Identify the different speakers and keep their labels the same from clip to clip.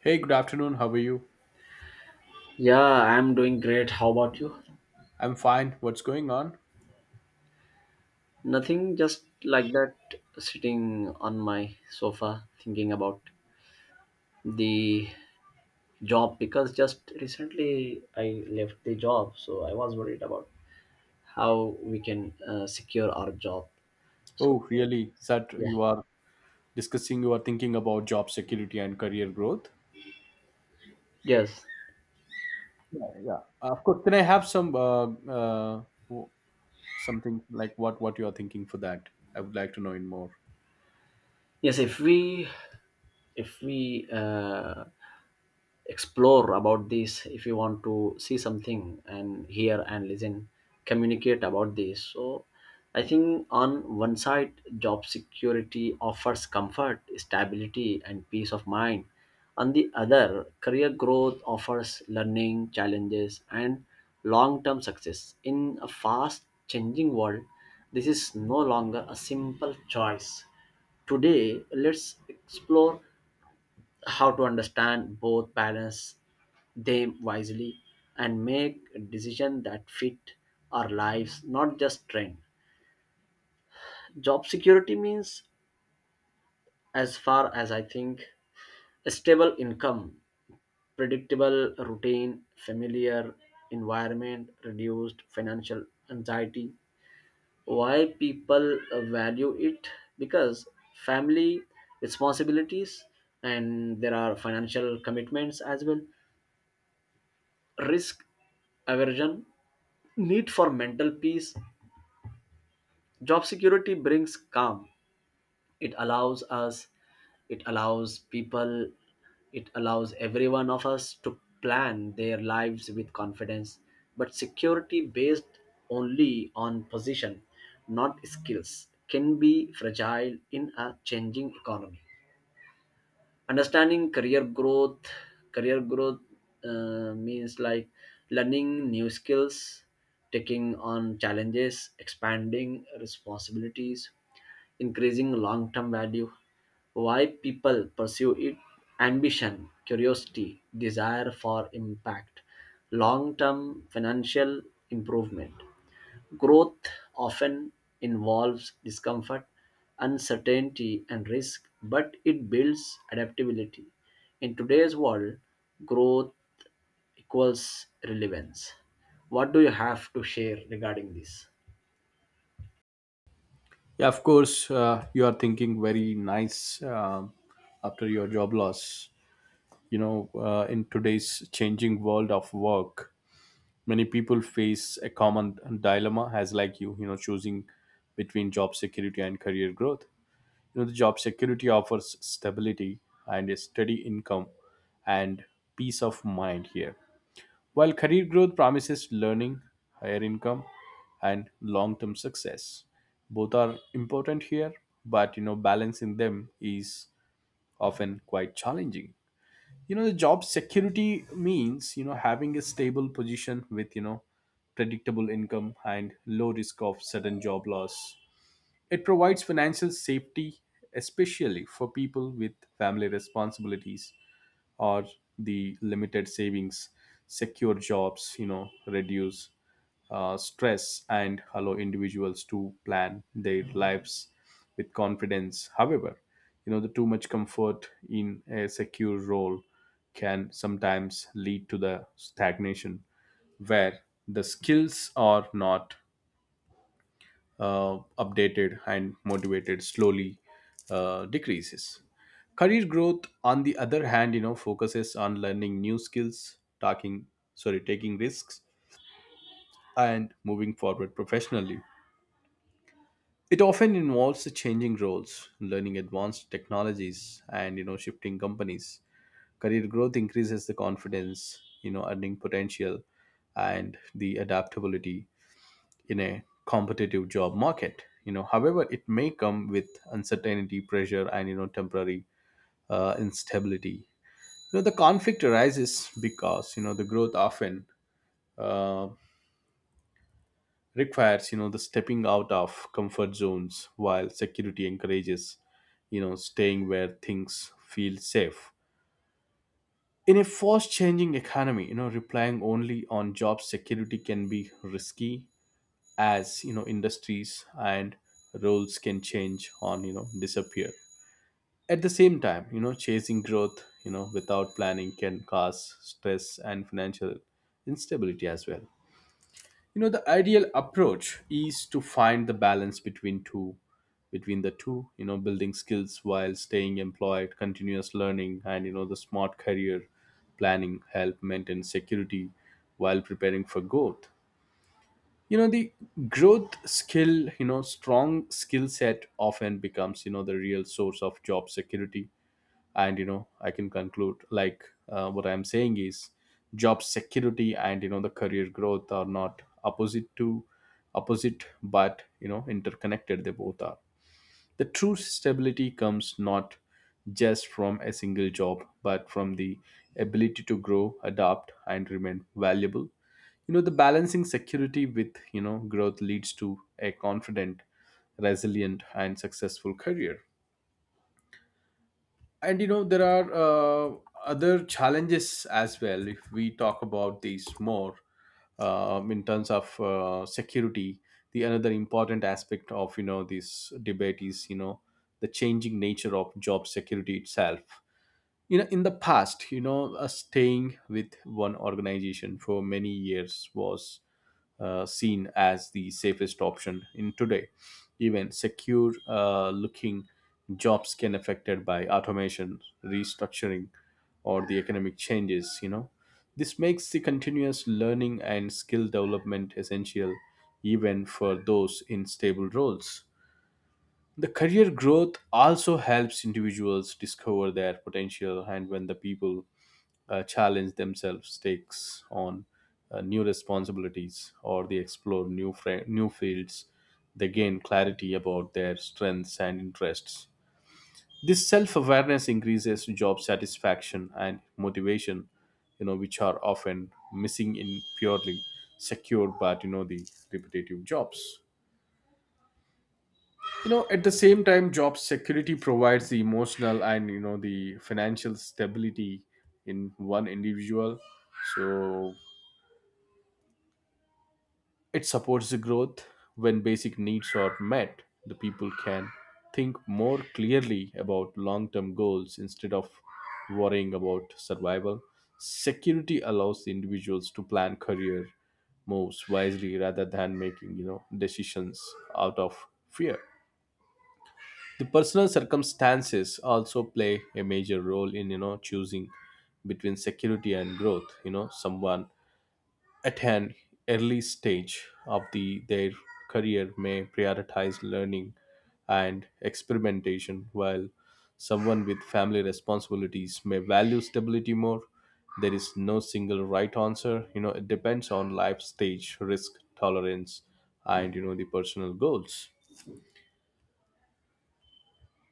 Speaker 1: Hey, good afternoon. How are you?
Speaker 2: Yeah, I'm doing great. How about you?
Speaker 1: I'm fine. What's going on?
Speaker 2: Nothing, just like that, sitting on my sofa thinking about the job because just recently I left the job, so I was worried about how we can secure our job. So
Speaker 1: Oh, really? That
Speaker 2: yeah,
Speaker 1: you are discussing, you are thinking about job security and career growth?
Speaker 2: yes,
Speaker 1: Yeah, yeah. Of course. Can I have some uh, w- something like what you are thinking for that? I would like to know in more.
Speaker 2: yes. If we if we explore about this, if you want to see something and hear and listen, communicate about this, so I think on one side job security offers comfort, stability, and peace of mind. On the other, career growth offers learning, challenges, and long term success in a fast changing world. This is no longer a simple choice. Today, let's explore how to understand both, balance them wisely, and make decisions that fit our lives, not just trend. Job security means, as far as I think, a stable income, predictable routine, familiar environment, reduced financial anxiety. Why people value it? Because family responsibilities, and there are financial commitments as well, risk aversion, need for mental peace. Job security brings calm. It allows us, it allows people, it allows every one of us to plan their lives with confidence. But security based only on position, not skills, can be fragile in a changing economy. Understanding career growth. Career growth means like learning new skills, taking on challenges, expanding responsibilities, increasing long term value. Why people pursue it? Ambition, curiosity, desire for impact, long term financial improvement. Growth often involves discomfort, uncertainty, and risk, but it builds adaptability. In today's world, growth equals relevance. What do you have to share regarding this?
Speaker 1: Yeah, of course. You are thinking very nice after your job loss. In today's changing world of work, many people face a common dilemma as like you know choosing between job security and career growth. The job security offers stability and a steady income and peace of mind here, while career growth promises learning, higher income, and long term success. Both are important here, but balancing them is often quite challenging. The job security means having a stable position with predictable income and low risk of sudden job loss. It provides financial safety, especially for people with family responsibilities or the limited savings. Secure jobs reduce stress and allow individuals to plan their lives with confidence. However, the too much comfort in a secure role can sometimes lead to the stagnation where the skills are not updated and motivated slowly decreases. Career growth, on the other hand, focuses on learning new skills, talking, sorry, taking risks, and moving forward professionally. It often involves changing roles, learning advanced technologies, and shifting companies. Career growth increases the confidence, earning potential, and the adaptability in a competitive job market. However, it may come with uncertainty, pressure, and temporary instability. The conflict arises because the growth often uh, requires the stepping out of comfort zones, while security encourages staying where things feel safe. In a fast changing economy, relying only on job security can be risky, as industries and roles can change on disappear. At the same time, chasing growth without planning can cause stress and financial instability as well. The ideal approach is to find the balance between two, between the two, building skills while staying employed. Continuous learning and the smart career planning help maintain security while preparing for growth. The growth skill, strong skill set often becomes the real source of job security. And I can conclude like what I'm saying is job security and the career growth are not opposite to opposite, but interconnected. They both are. The true stability comes not just from a single job, but from the ability to grow, adapt, and remain valuable. The balancing security with, growth leads to a confident, resilient, and successful career. And there are other challenges as well if we talk about these more, in terms of security. The another important aspect of this debate is the changing nature of job security itself. In the past, staying with one organization for many years was seen as the safest option in today. Even secure looking jobs can affected by automation, restructuring, or the economic changes. This makes the continuous learning and skill development essential even for those in stable roles. The career growth also helps individuals discover their potential, and when the people challenge themselves, takes on new responsibilities, or they explore new fields, they gain clarity about their strengths and interests. This self-awareness increases job satisfaction and motivation, which are often missing in purely secure but the repetitive jobs. At the same time, job security provides the emotional and the financial stability in one individual, so it supports the growth. When basic needs are met, the people can think more clearly about long term goals instead of worrying about survival. Security allows the individuals to plan career moves wisely rather than making decisions out of fear. The personal circumstances also play a major role in choosing between security and growth. Someone at an early stage of their career may prioritize learning and experimentation, while someone with family responsibilities may value stability more. There is no single right answer. It depends on life stage, risk tolerance, and the personal goals.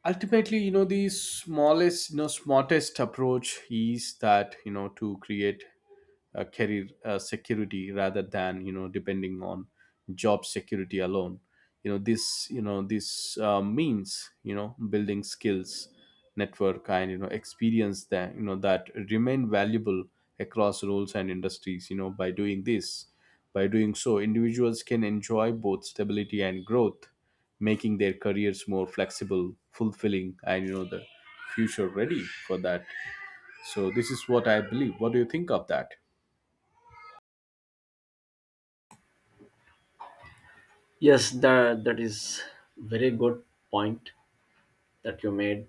Speaker 1: Ultimately, the smallest, smartest approach is that to create a career security rather than depending on job security alone. This means building skills, network, and experience that that remain valuable across roles and industries. By doing so, individuals can enjoy both stability and growth, making their careers more flexible, fulfilling, and the future ready for that. So this is what I believe. What do you think of that?
Speaker 2: Yes, that is very good point that you made.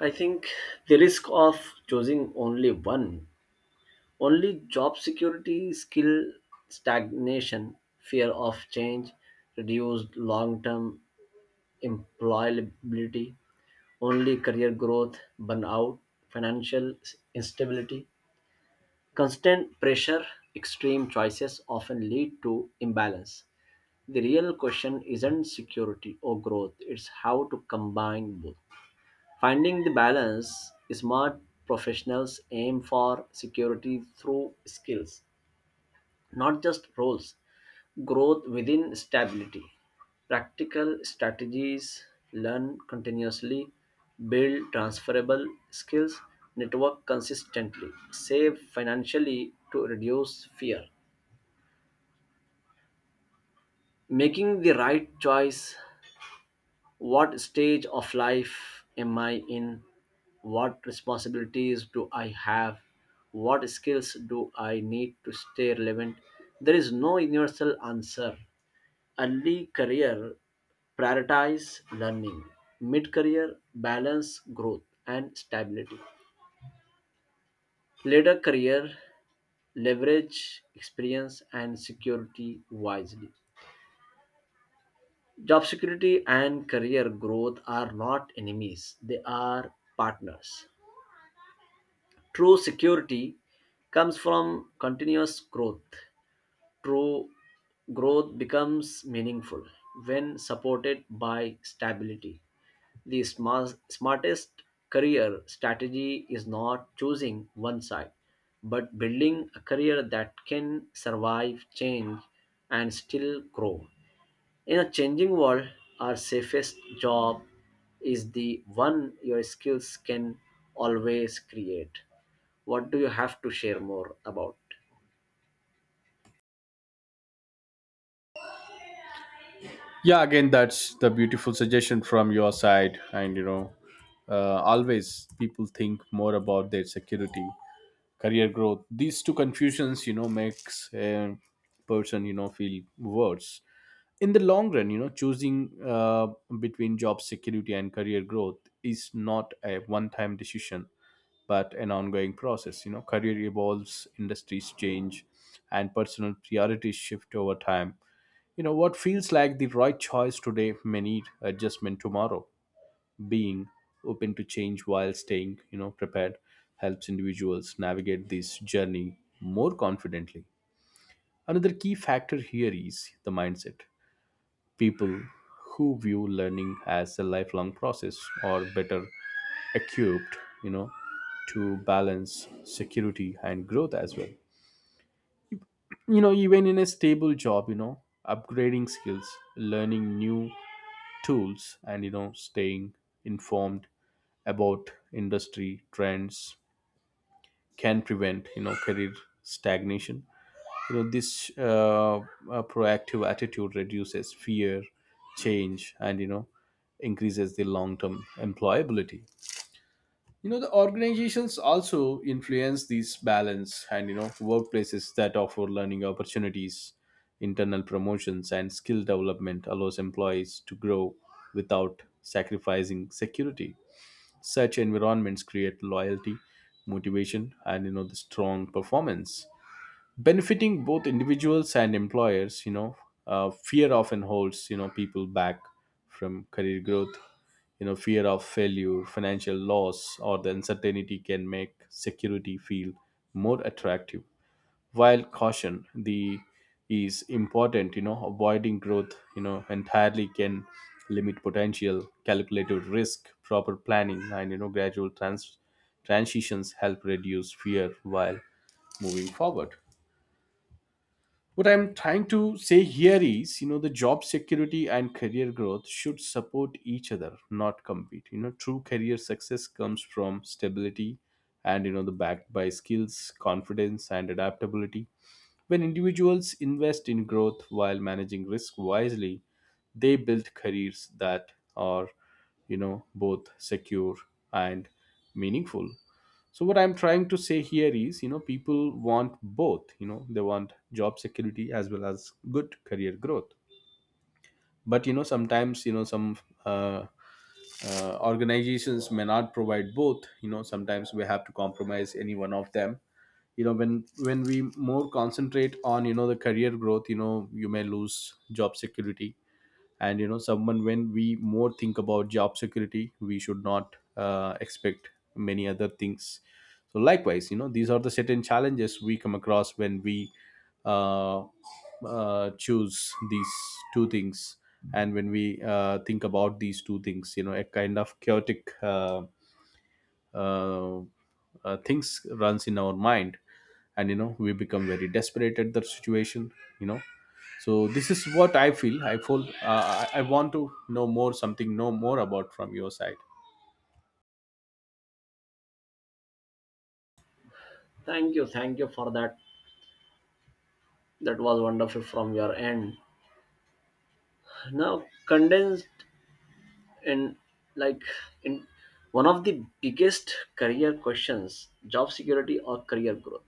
Speaker 2: I think the risk of choosing only one. Only job security, skill stagnation, fear of change, reduced long term employability. Only career growth, burnout, financial instability, constant pressure. Extreme choices often lead to imbalance. The real question isn't security or growth, it's how to combine both. Finding the balance, smart professionals aim for security through skills, not just roles, growth within stability. Practical strategies: learn continuously, build transferable skills, network consistently, save financially to reduce fear. Making the right choice, what stage of life am I in? What responsibilities do I have? What skills do I need to stay relevant? There is no universal answer. Early career, prioritize learning. Mid career, balance growth and stability. Later career, leverage experience and security wisely. Job security and career growth are not enemies, they are partners. True security comes from continuous growth. True growth becomes meaningful when supported by stability. The smartest career strategy is not choosing one side, but building a career that can survive change and still grow. In a changing world, our safest job is the one your skills can always create. What do you have to share more about?
Speaker 1: Yeah, again, that's the beautiful suggestion from your side. And always people think more about their security, career growth. These two confusions makes a person feel worse in the long run. Choosing between job security and career growth is not a one time decision but an ongoing process. Career evolves, industries change, and personal priorities shift over time. What feels like the right choice today may need adjustment tomorrow. Being open to change while staying, prepared helps individuals navigate this journey more confidently. Another key factor here is the mindset. People who view learning as a lifelong process or better equipped you know to balance security and growth as well. Even in a stable job, upgrading skills, learning new tools, and staying informed about industry trends can prevent career stagnation. This proactive attitude reduces fear, change, and increases the long term employability. The organizations also influence these balance. And workplaces that offer learning opportunities, internal promotions, and skill development allows employees to grow without sacrificing security. Such environments create loyalty, motivation, and the strong performance, benefiting both individuals and employers. Fear often holds people back from career growth. Fear of failure, financial loss, or the uncertainty can make security feel more attractive. While caution, the is important, avoiding growth entirely can limit potential. Calculated risk, proper planning, and gradual transitions help reduce fear while moving forward. What I'm trying to say here is the job security and career growth should support each other, not compete. True career success comes from stability and the backed by skills, confidence, and adaptability. When individuals invest in growth while managing risk wisely, they build careers that are both secure and meaningful. So what I'm trying to say here is people want both. They want job security as well as good career growth. But sometimes some uh, organizations may not provide both. Sometimes we have to compromise any one of them. When we more concentrate on the career growth, you may lose job security. And someone, when we more think about job security, we should not expect many other things. So likewise, these are the certain challenges we come across when we uh, choose these two things. And when we think about these two things, a kind of chaotic uh, things runs in our mind. And we become very desperate at the situation. you know so this is what I feel. I feel I want to know more something, know more about from your side.
Speaker 2: Thank you for that. That was wonderful from your end. Now condensed in, like, in one of the biggest career questions, job security or career growth.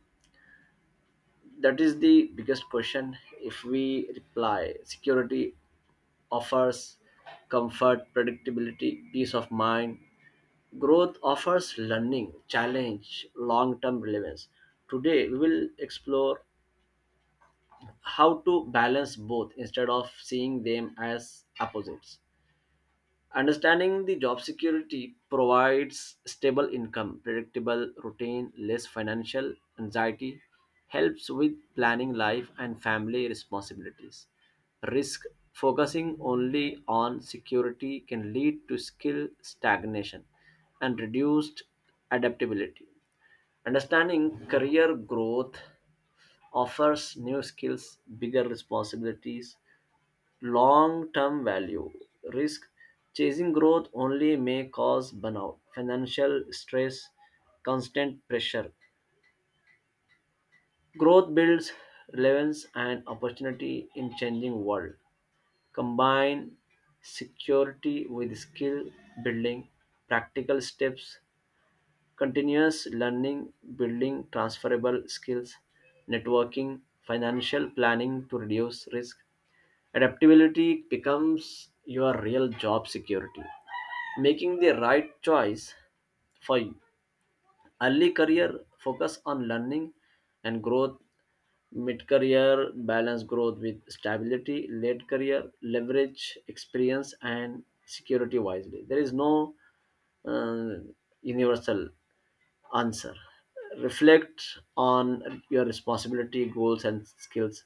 Speaker 2: That is the biggest question. If we reply, security offers comfort, predictability, peace of mind. Growth offers learning, challenge, long term relevance. Today, we will explore how to balance both instead of seeing them as opposites. Understanding the job security provides stable income, predictable routine, less financial anxiety, helps with planning life and family responsibilities. Risk, focusing only on security can lead to skill stagnation and reduced adaptability. Understanding career growth offers new skills, bigger responsibilities, long term value. Risk, chasing growth only may cause burnout, financial stress, constant pressure. Growth builds relevance and opportunity in changing world. Combine security with skill building, practical steps, continuous learning, building transferable skills, networking, financial planning to reduce risk. Adaptability becomes your real job security. Making the right choice for you. Early career, focus on learning and growth. Mid career, balance growth with stability. Late career, leverage experience and security wisely. There is no uh, universal answer. Reflect on your responsibility, goals, and skills.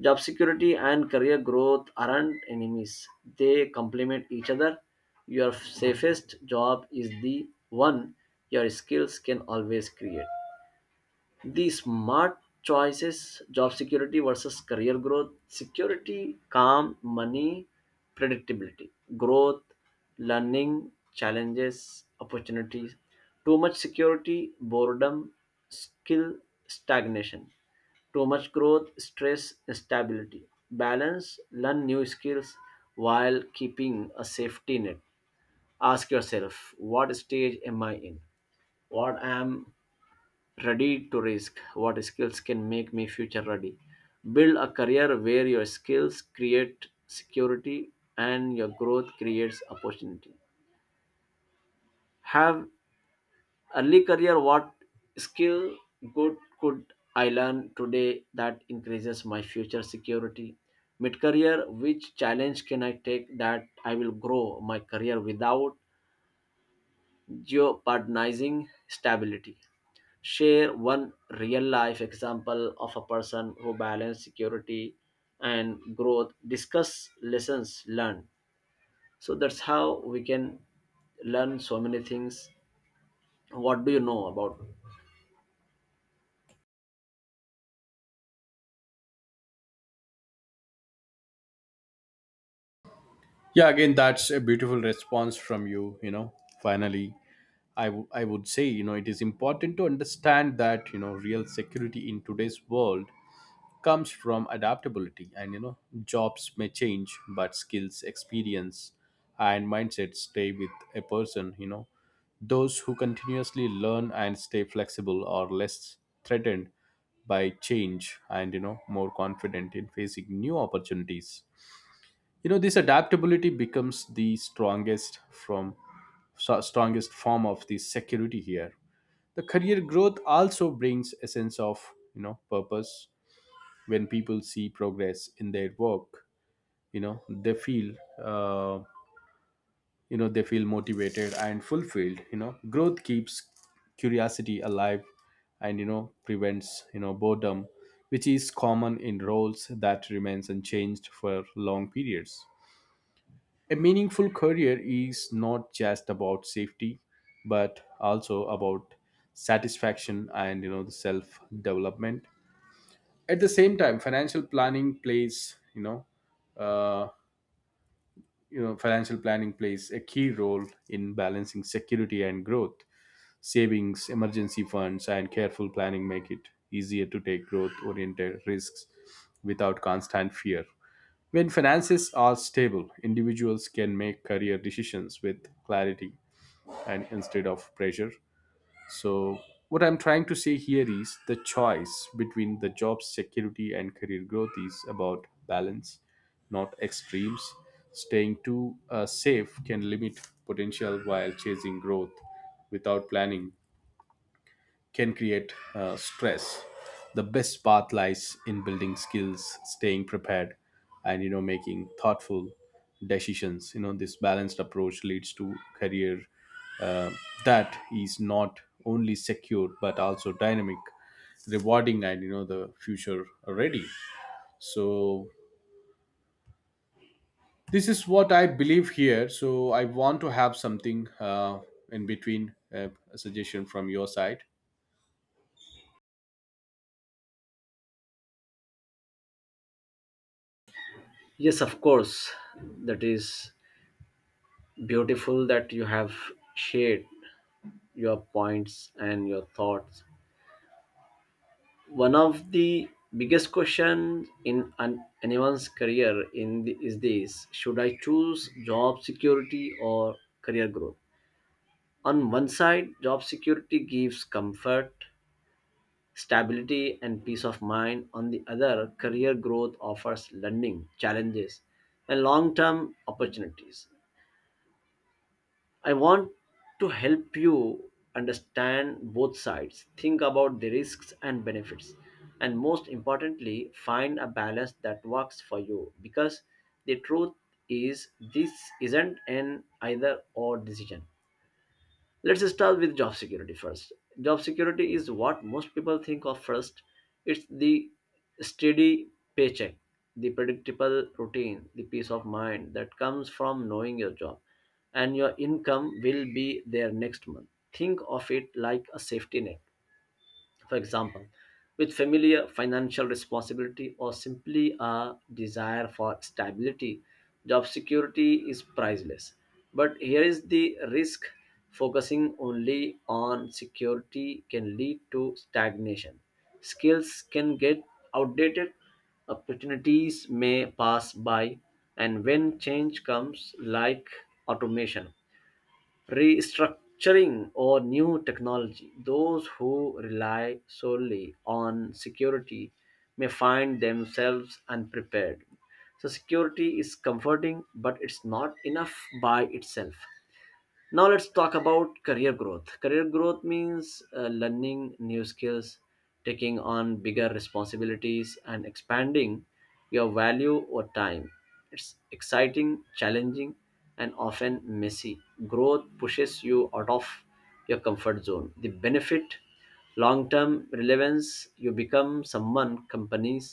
Speaker 2: Job security and career growth aren't enemies, they complement each other. Your safest job is the one your skills can always create. The smart choices, job security versus career growth, security, calm, money, predictability, growth, learning, challenges, opportunities, too much security, boredom, skill, stagnation, too much growth, stress, instability, balance, learn new skills while keeping a safety net. Ask yourself, what stage am I in? What am ready to risk? What skills can make me future ready? Build a career where your skills create security and your growth creates opportunity. Have early career, what skill good could I learn today that increases my future security? Mid career, which challenge can I take that I will grow my career without jeopardizing stability? Share one real life example of a person who balanced security and growth. Discuss lessons learned. So that's how we can learn so many things. What do you know about?
Speaker 1: Yeah, again, that's a beautiful response from you. You know Finally, I would say it is important to understand that real security in today's world comes from adaptability. And jobs may change, but skills, experience, and mindset stay with a person. Those who continuously learn and stay flexible are less threatened by change, and more confident in facing new opportunities. This adaptability becomes the strongest form of the security here. The career growth also brings a sense of purpose when people see progress in their work. you know they feel uh, they feel motivated and fulfilled. Growth keeps curiosity alive and prevents boredom, which is common in roles that remains unchanged for long periods. A meaningful career is not just about safety, but also about satisfaction and, you know, the self development. At the same time, financial planning plays you know uh, you know, financial planning plays a key role in balancing security and growth. Savings, emergency funds and careful planning make it easier to take growth oriented risks without constant fear. When finances are stable, individuals can make career decisions with clarity and instead of pressure. so, what I'm trying to say here is the choice between the job security and career growth is about balance, not extremes. Staying too safe can limit potential, while chasing growth without planning can create stress. The best path lies in building skills, staying prepared, and, you know, making thoughtful decisions. You know, this balanced approach leads to career uh, that is not only secure but also dynamic, rewarding, and, you know, the future ready. So this is what I believe here. So I want to have something in between, a suggestion from your side.
Speaker 2: Yes, of course. That is beautiful that you have shared your points and your thoughts. One of the biggest questions in anyone's career in the, is this, should I choose job security or career growth? On one side, job security gives comfort, stability, and peace of mind. On the other, career growth offers learning, challenges, and long-term opportunities. I want to help you understand both sides, think about the risks and benefits, and most importantly, find a balance that works for you, because the truth is, this isn't an either or decision. Let's start with job security first. Job security is what most people think of first. It's the steady paycheck, the predictable routine, the peace of mind that comes from knowing your job and your income will be there next month. Think of it like a safety net. For example, with familiar financial responsibility or simply a desire for stability, job security is priceless. But here is the risk, focusing only on security can lead to stagnation, skills can get outdated, opportunities may pass by, and when change comes, like automation, restructuring, or new technology, those who rely solely on security may find themselves unprepared. So, security is comforting, but it's not enough by itself. Now let's talk about career growth. Career growth means learning new skills, taking on bigger responsibilities, and expanding your value over time. It's exciting, challenging, and often messy. Growth pushes you out of your comfort zone. The benefit, long term relevance. You become someone companies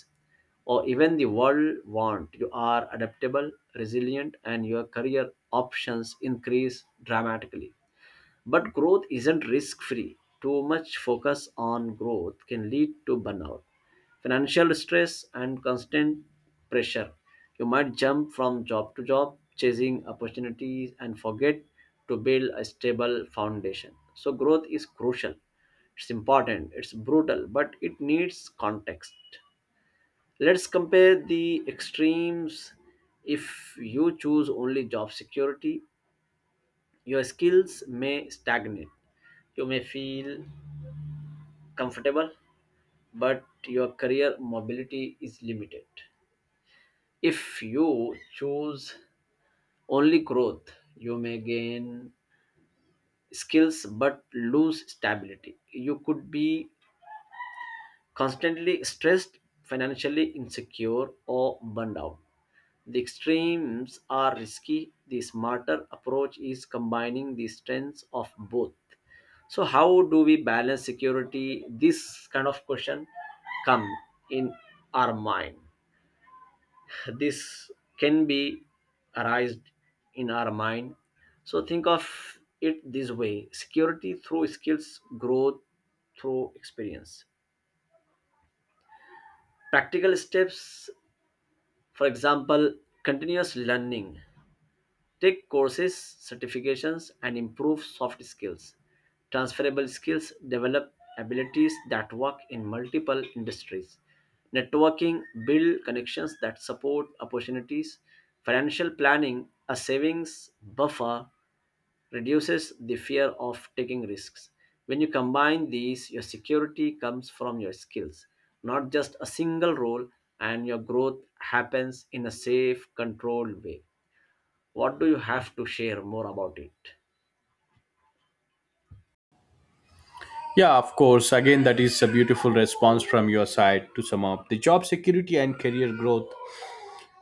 Speaker 2: or even the world want. You are adaptable, resilient, and your career options increase dramatically. But growth isn't risk free. Too much focus on growth can lead to burnout, financial stress, and constant pressure. You might jump from job to job, chasing opportunities, and forget to build a stable foundation. So, growth is crucial. It's important, it's brutal, but it needs context. Let's compare the extremes. If you choose only job security, your skills may stagnate. You may feel comfortable, but your career mobility is limited. If you choose only growth, you may gain skills but lose stability. You could be constantly stressed, financially insecure, or burned out. The extremes are risky. The smarter approach is combining the strengths of both. So, how do we balance security? This kind of question come in our mind. This can be arised in our mind. So, think of it this way: security through skills, growth through experience. Practical steps, for example, continuous learning, take courses, certifications, and improve soft skills. Transferable skills, develop abilities that work in multiple industries. Networking, build connections that support opportunities. Financial planning, a savings buffer, reduces the fear of taking risks. When you combine these, your security comes from your skills, not just a single role, and your growth happens in a safe, controlled way. What do you have to share more about it?
Speaker 1: Yeah, of course. Again, that is a beautiful response from your side. To sum up, the job security and career growth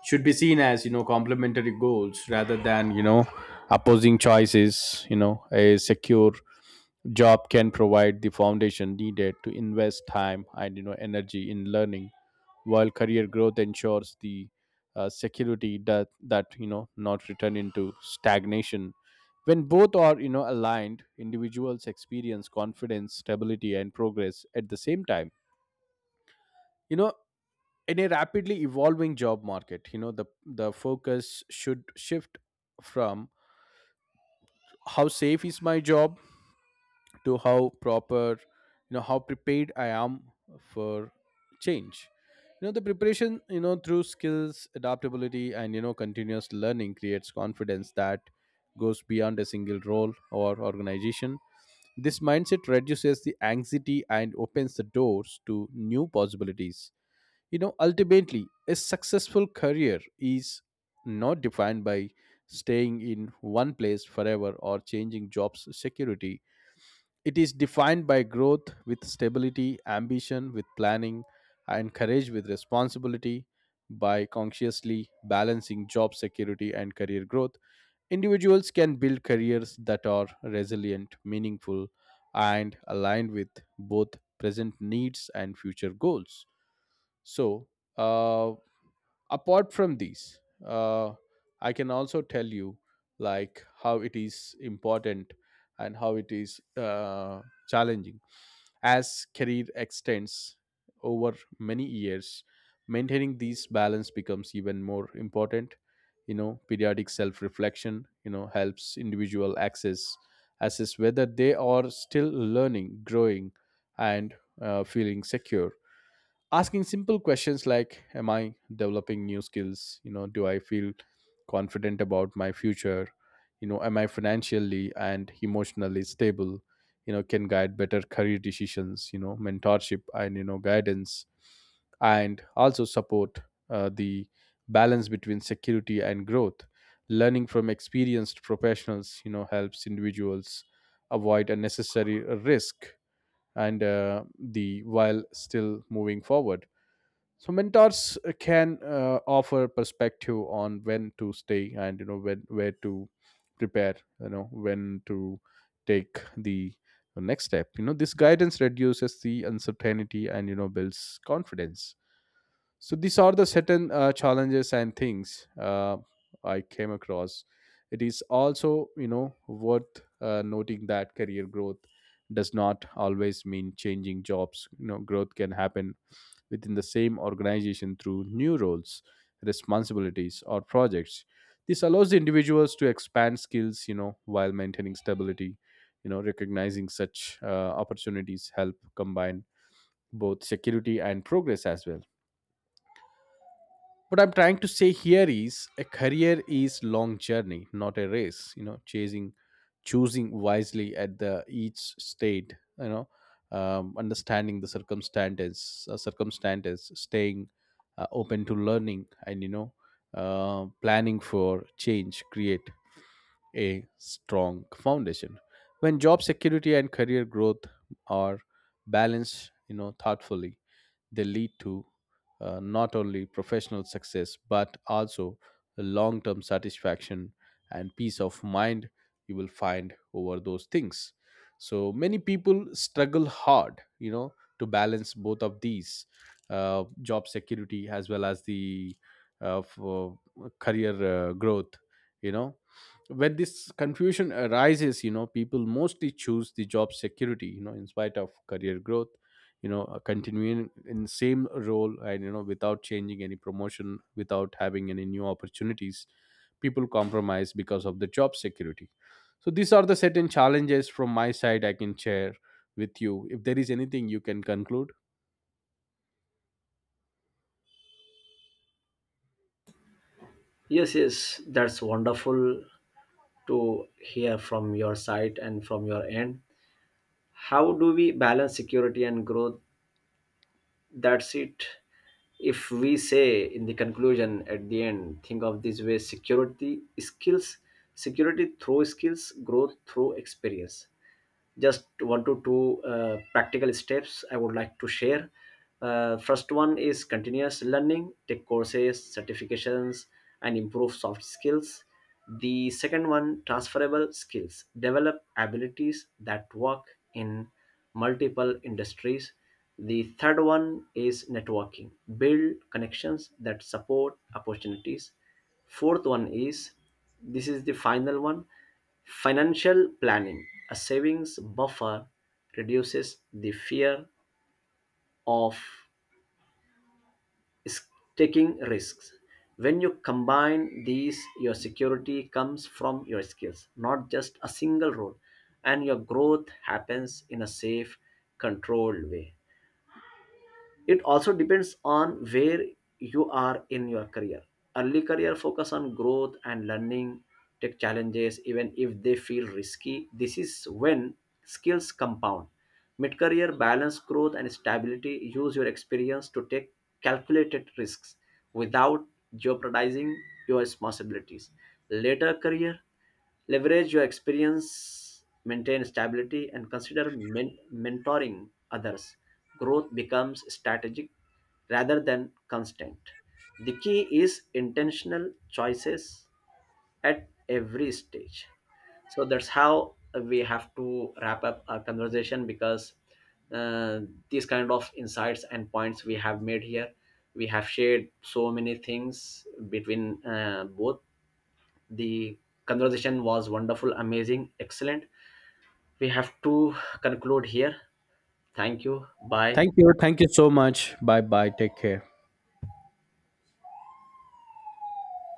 Speaker 1: should be seen as, you know, complementary goals rather than, you know, opposing choices. You know, a secure job can provide the foundation needed to invest time and, you know, energy in learning, while career growth ensures the security that you know not return into stagnation. When both are, you know, aligned, individuals experience confidence, stability and progress at the same time, you know. In a rapidly evolving job market, you know, the focus should shift from how safe is my job to how proper you know how prepared I am for change. You know, the preparation, you know, through skills, adaptability and, you know, continuous learning creates confidence that goes beyond a single role or organization. This mindset reduces the anxiety and opens the doors to new possibilities. You know, ultimately, a successful career is not defined by staying in one place forever or changing jobs security. It is defined by growth with stability, ambition with planning, and courage with responsibility. By consciously balancing job security and career growth, individuals can build careers that are resilient, meaningful, and aligned with both present needs and future goals. So, uh, apart from these, uh, I can also tell you like how it is important and how it is challenging. As career extends over many years, maintaining these balance becomes even more important. You know, periodic self reflection, you know, helps individual access assess whether they are still learning, growing and feeling secure. Asking simple questions like am I developing new skills, you know, do I feel confident about my future, you know, am I financially and emotionally stable, you know, can guide better career decisions. You know, mentorship and, you know, guidance and also support the balance between security and growth. Learning from experienced professionals, you know, helps individuals avoid unnecessary risk and, the while still moving forward. So mentors can offer perspective on when to stay and, you know, when where to prepare, you know, when to take the next step. You know, this guidance reduces the uncertainty and, you know, builds confidence. So these are the certain challenges and things I came across. It is also, you know, worth noting that career growth does not always mean changing jobs. You know, growth can happen within the same organization through new roles, responsibilities, or projects. This allows the individuals to expand skills, you know, while maintaining stability. You know, recognizing such opportunities help combine both security and progress as well. What I'm trying to say here is a career is long journey, not a race. You know, chasing choosing wisely at the each state, you know, understanding the circumstances, staying open to learning and, you know, planning for change create a strong foundation. When job security and career growth are balanced, you know, thoughtfully, they lead to not only professional success but also long term satisfaction and peace of mind you will find over those things. So many people struggle hard, you know, to balance both of these, job security as well as the, for career growth, you know. When this confusion arises, you know, people mostly choose the job security, you know, in spite of career growth. You know, continuing in same role and, you know, without changing any promotion, without having any new opportunities, people compromise because of the job security. So these are the certain challenges from my side I can share with you. If there is anything, you can conclude.
Speaker 2: Yes, yes, that's wonderful to hear from your side and from your end. How do we balance security and growth? That's it. If we say in the conclusion, at the end, think of this way, security skills, security through skills, growth through experience. Just one to two practical steps I would like to share. First one is continuous learning, take courses, certifications, and improve soft skills. The second one, transferable skills, develop abilities that work in multiple industries. The third one is networking, build connections that support opportunities. Fourth one is, this is the final one, financial planning. A savings buffer reduces the fear of is- taking risks. When you combine these, your security comes from your skills, not just a single role, and your growth happens in a safe, controlled way. It also depends on where you are in your career. Early career, focus on growth and learning, take challenges even if they feel risky. This is when skills compound. Mid career, balance growth and stability, use your experience to take calculated risks without jeopardizing your responsibilities. Later career, leverage your experience, maintain stability, and consider mentoring others. Growth becomes strategic rather than constant. The key is intentional choices at every stage. So that's how we have to wrap up our conversation, because uh, these kind of insights and points we have made here, we have shared so many things between, both. The conversation was wonderful, amazing, excellent. We have to conclude here. Thank you. Bye.
Speaker 1: Thank you, thank you so much. Bye bye, take care.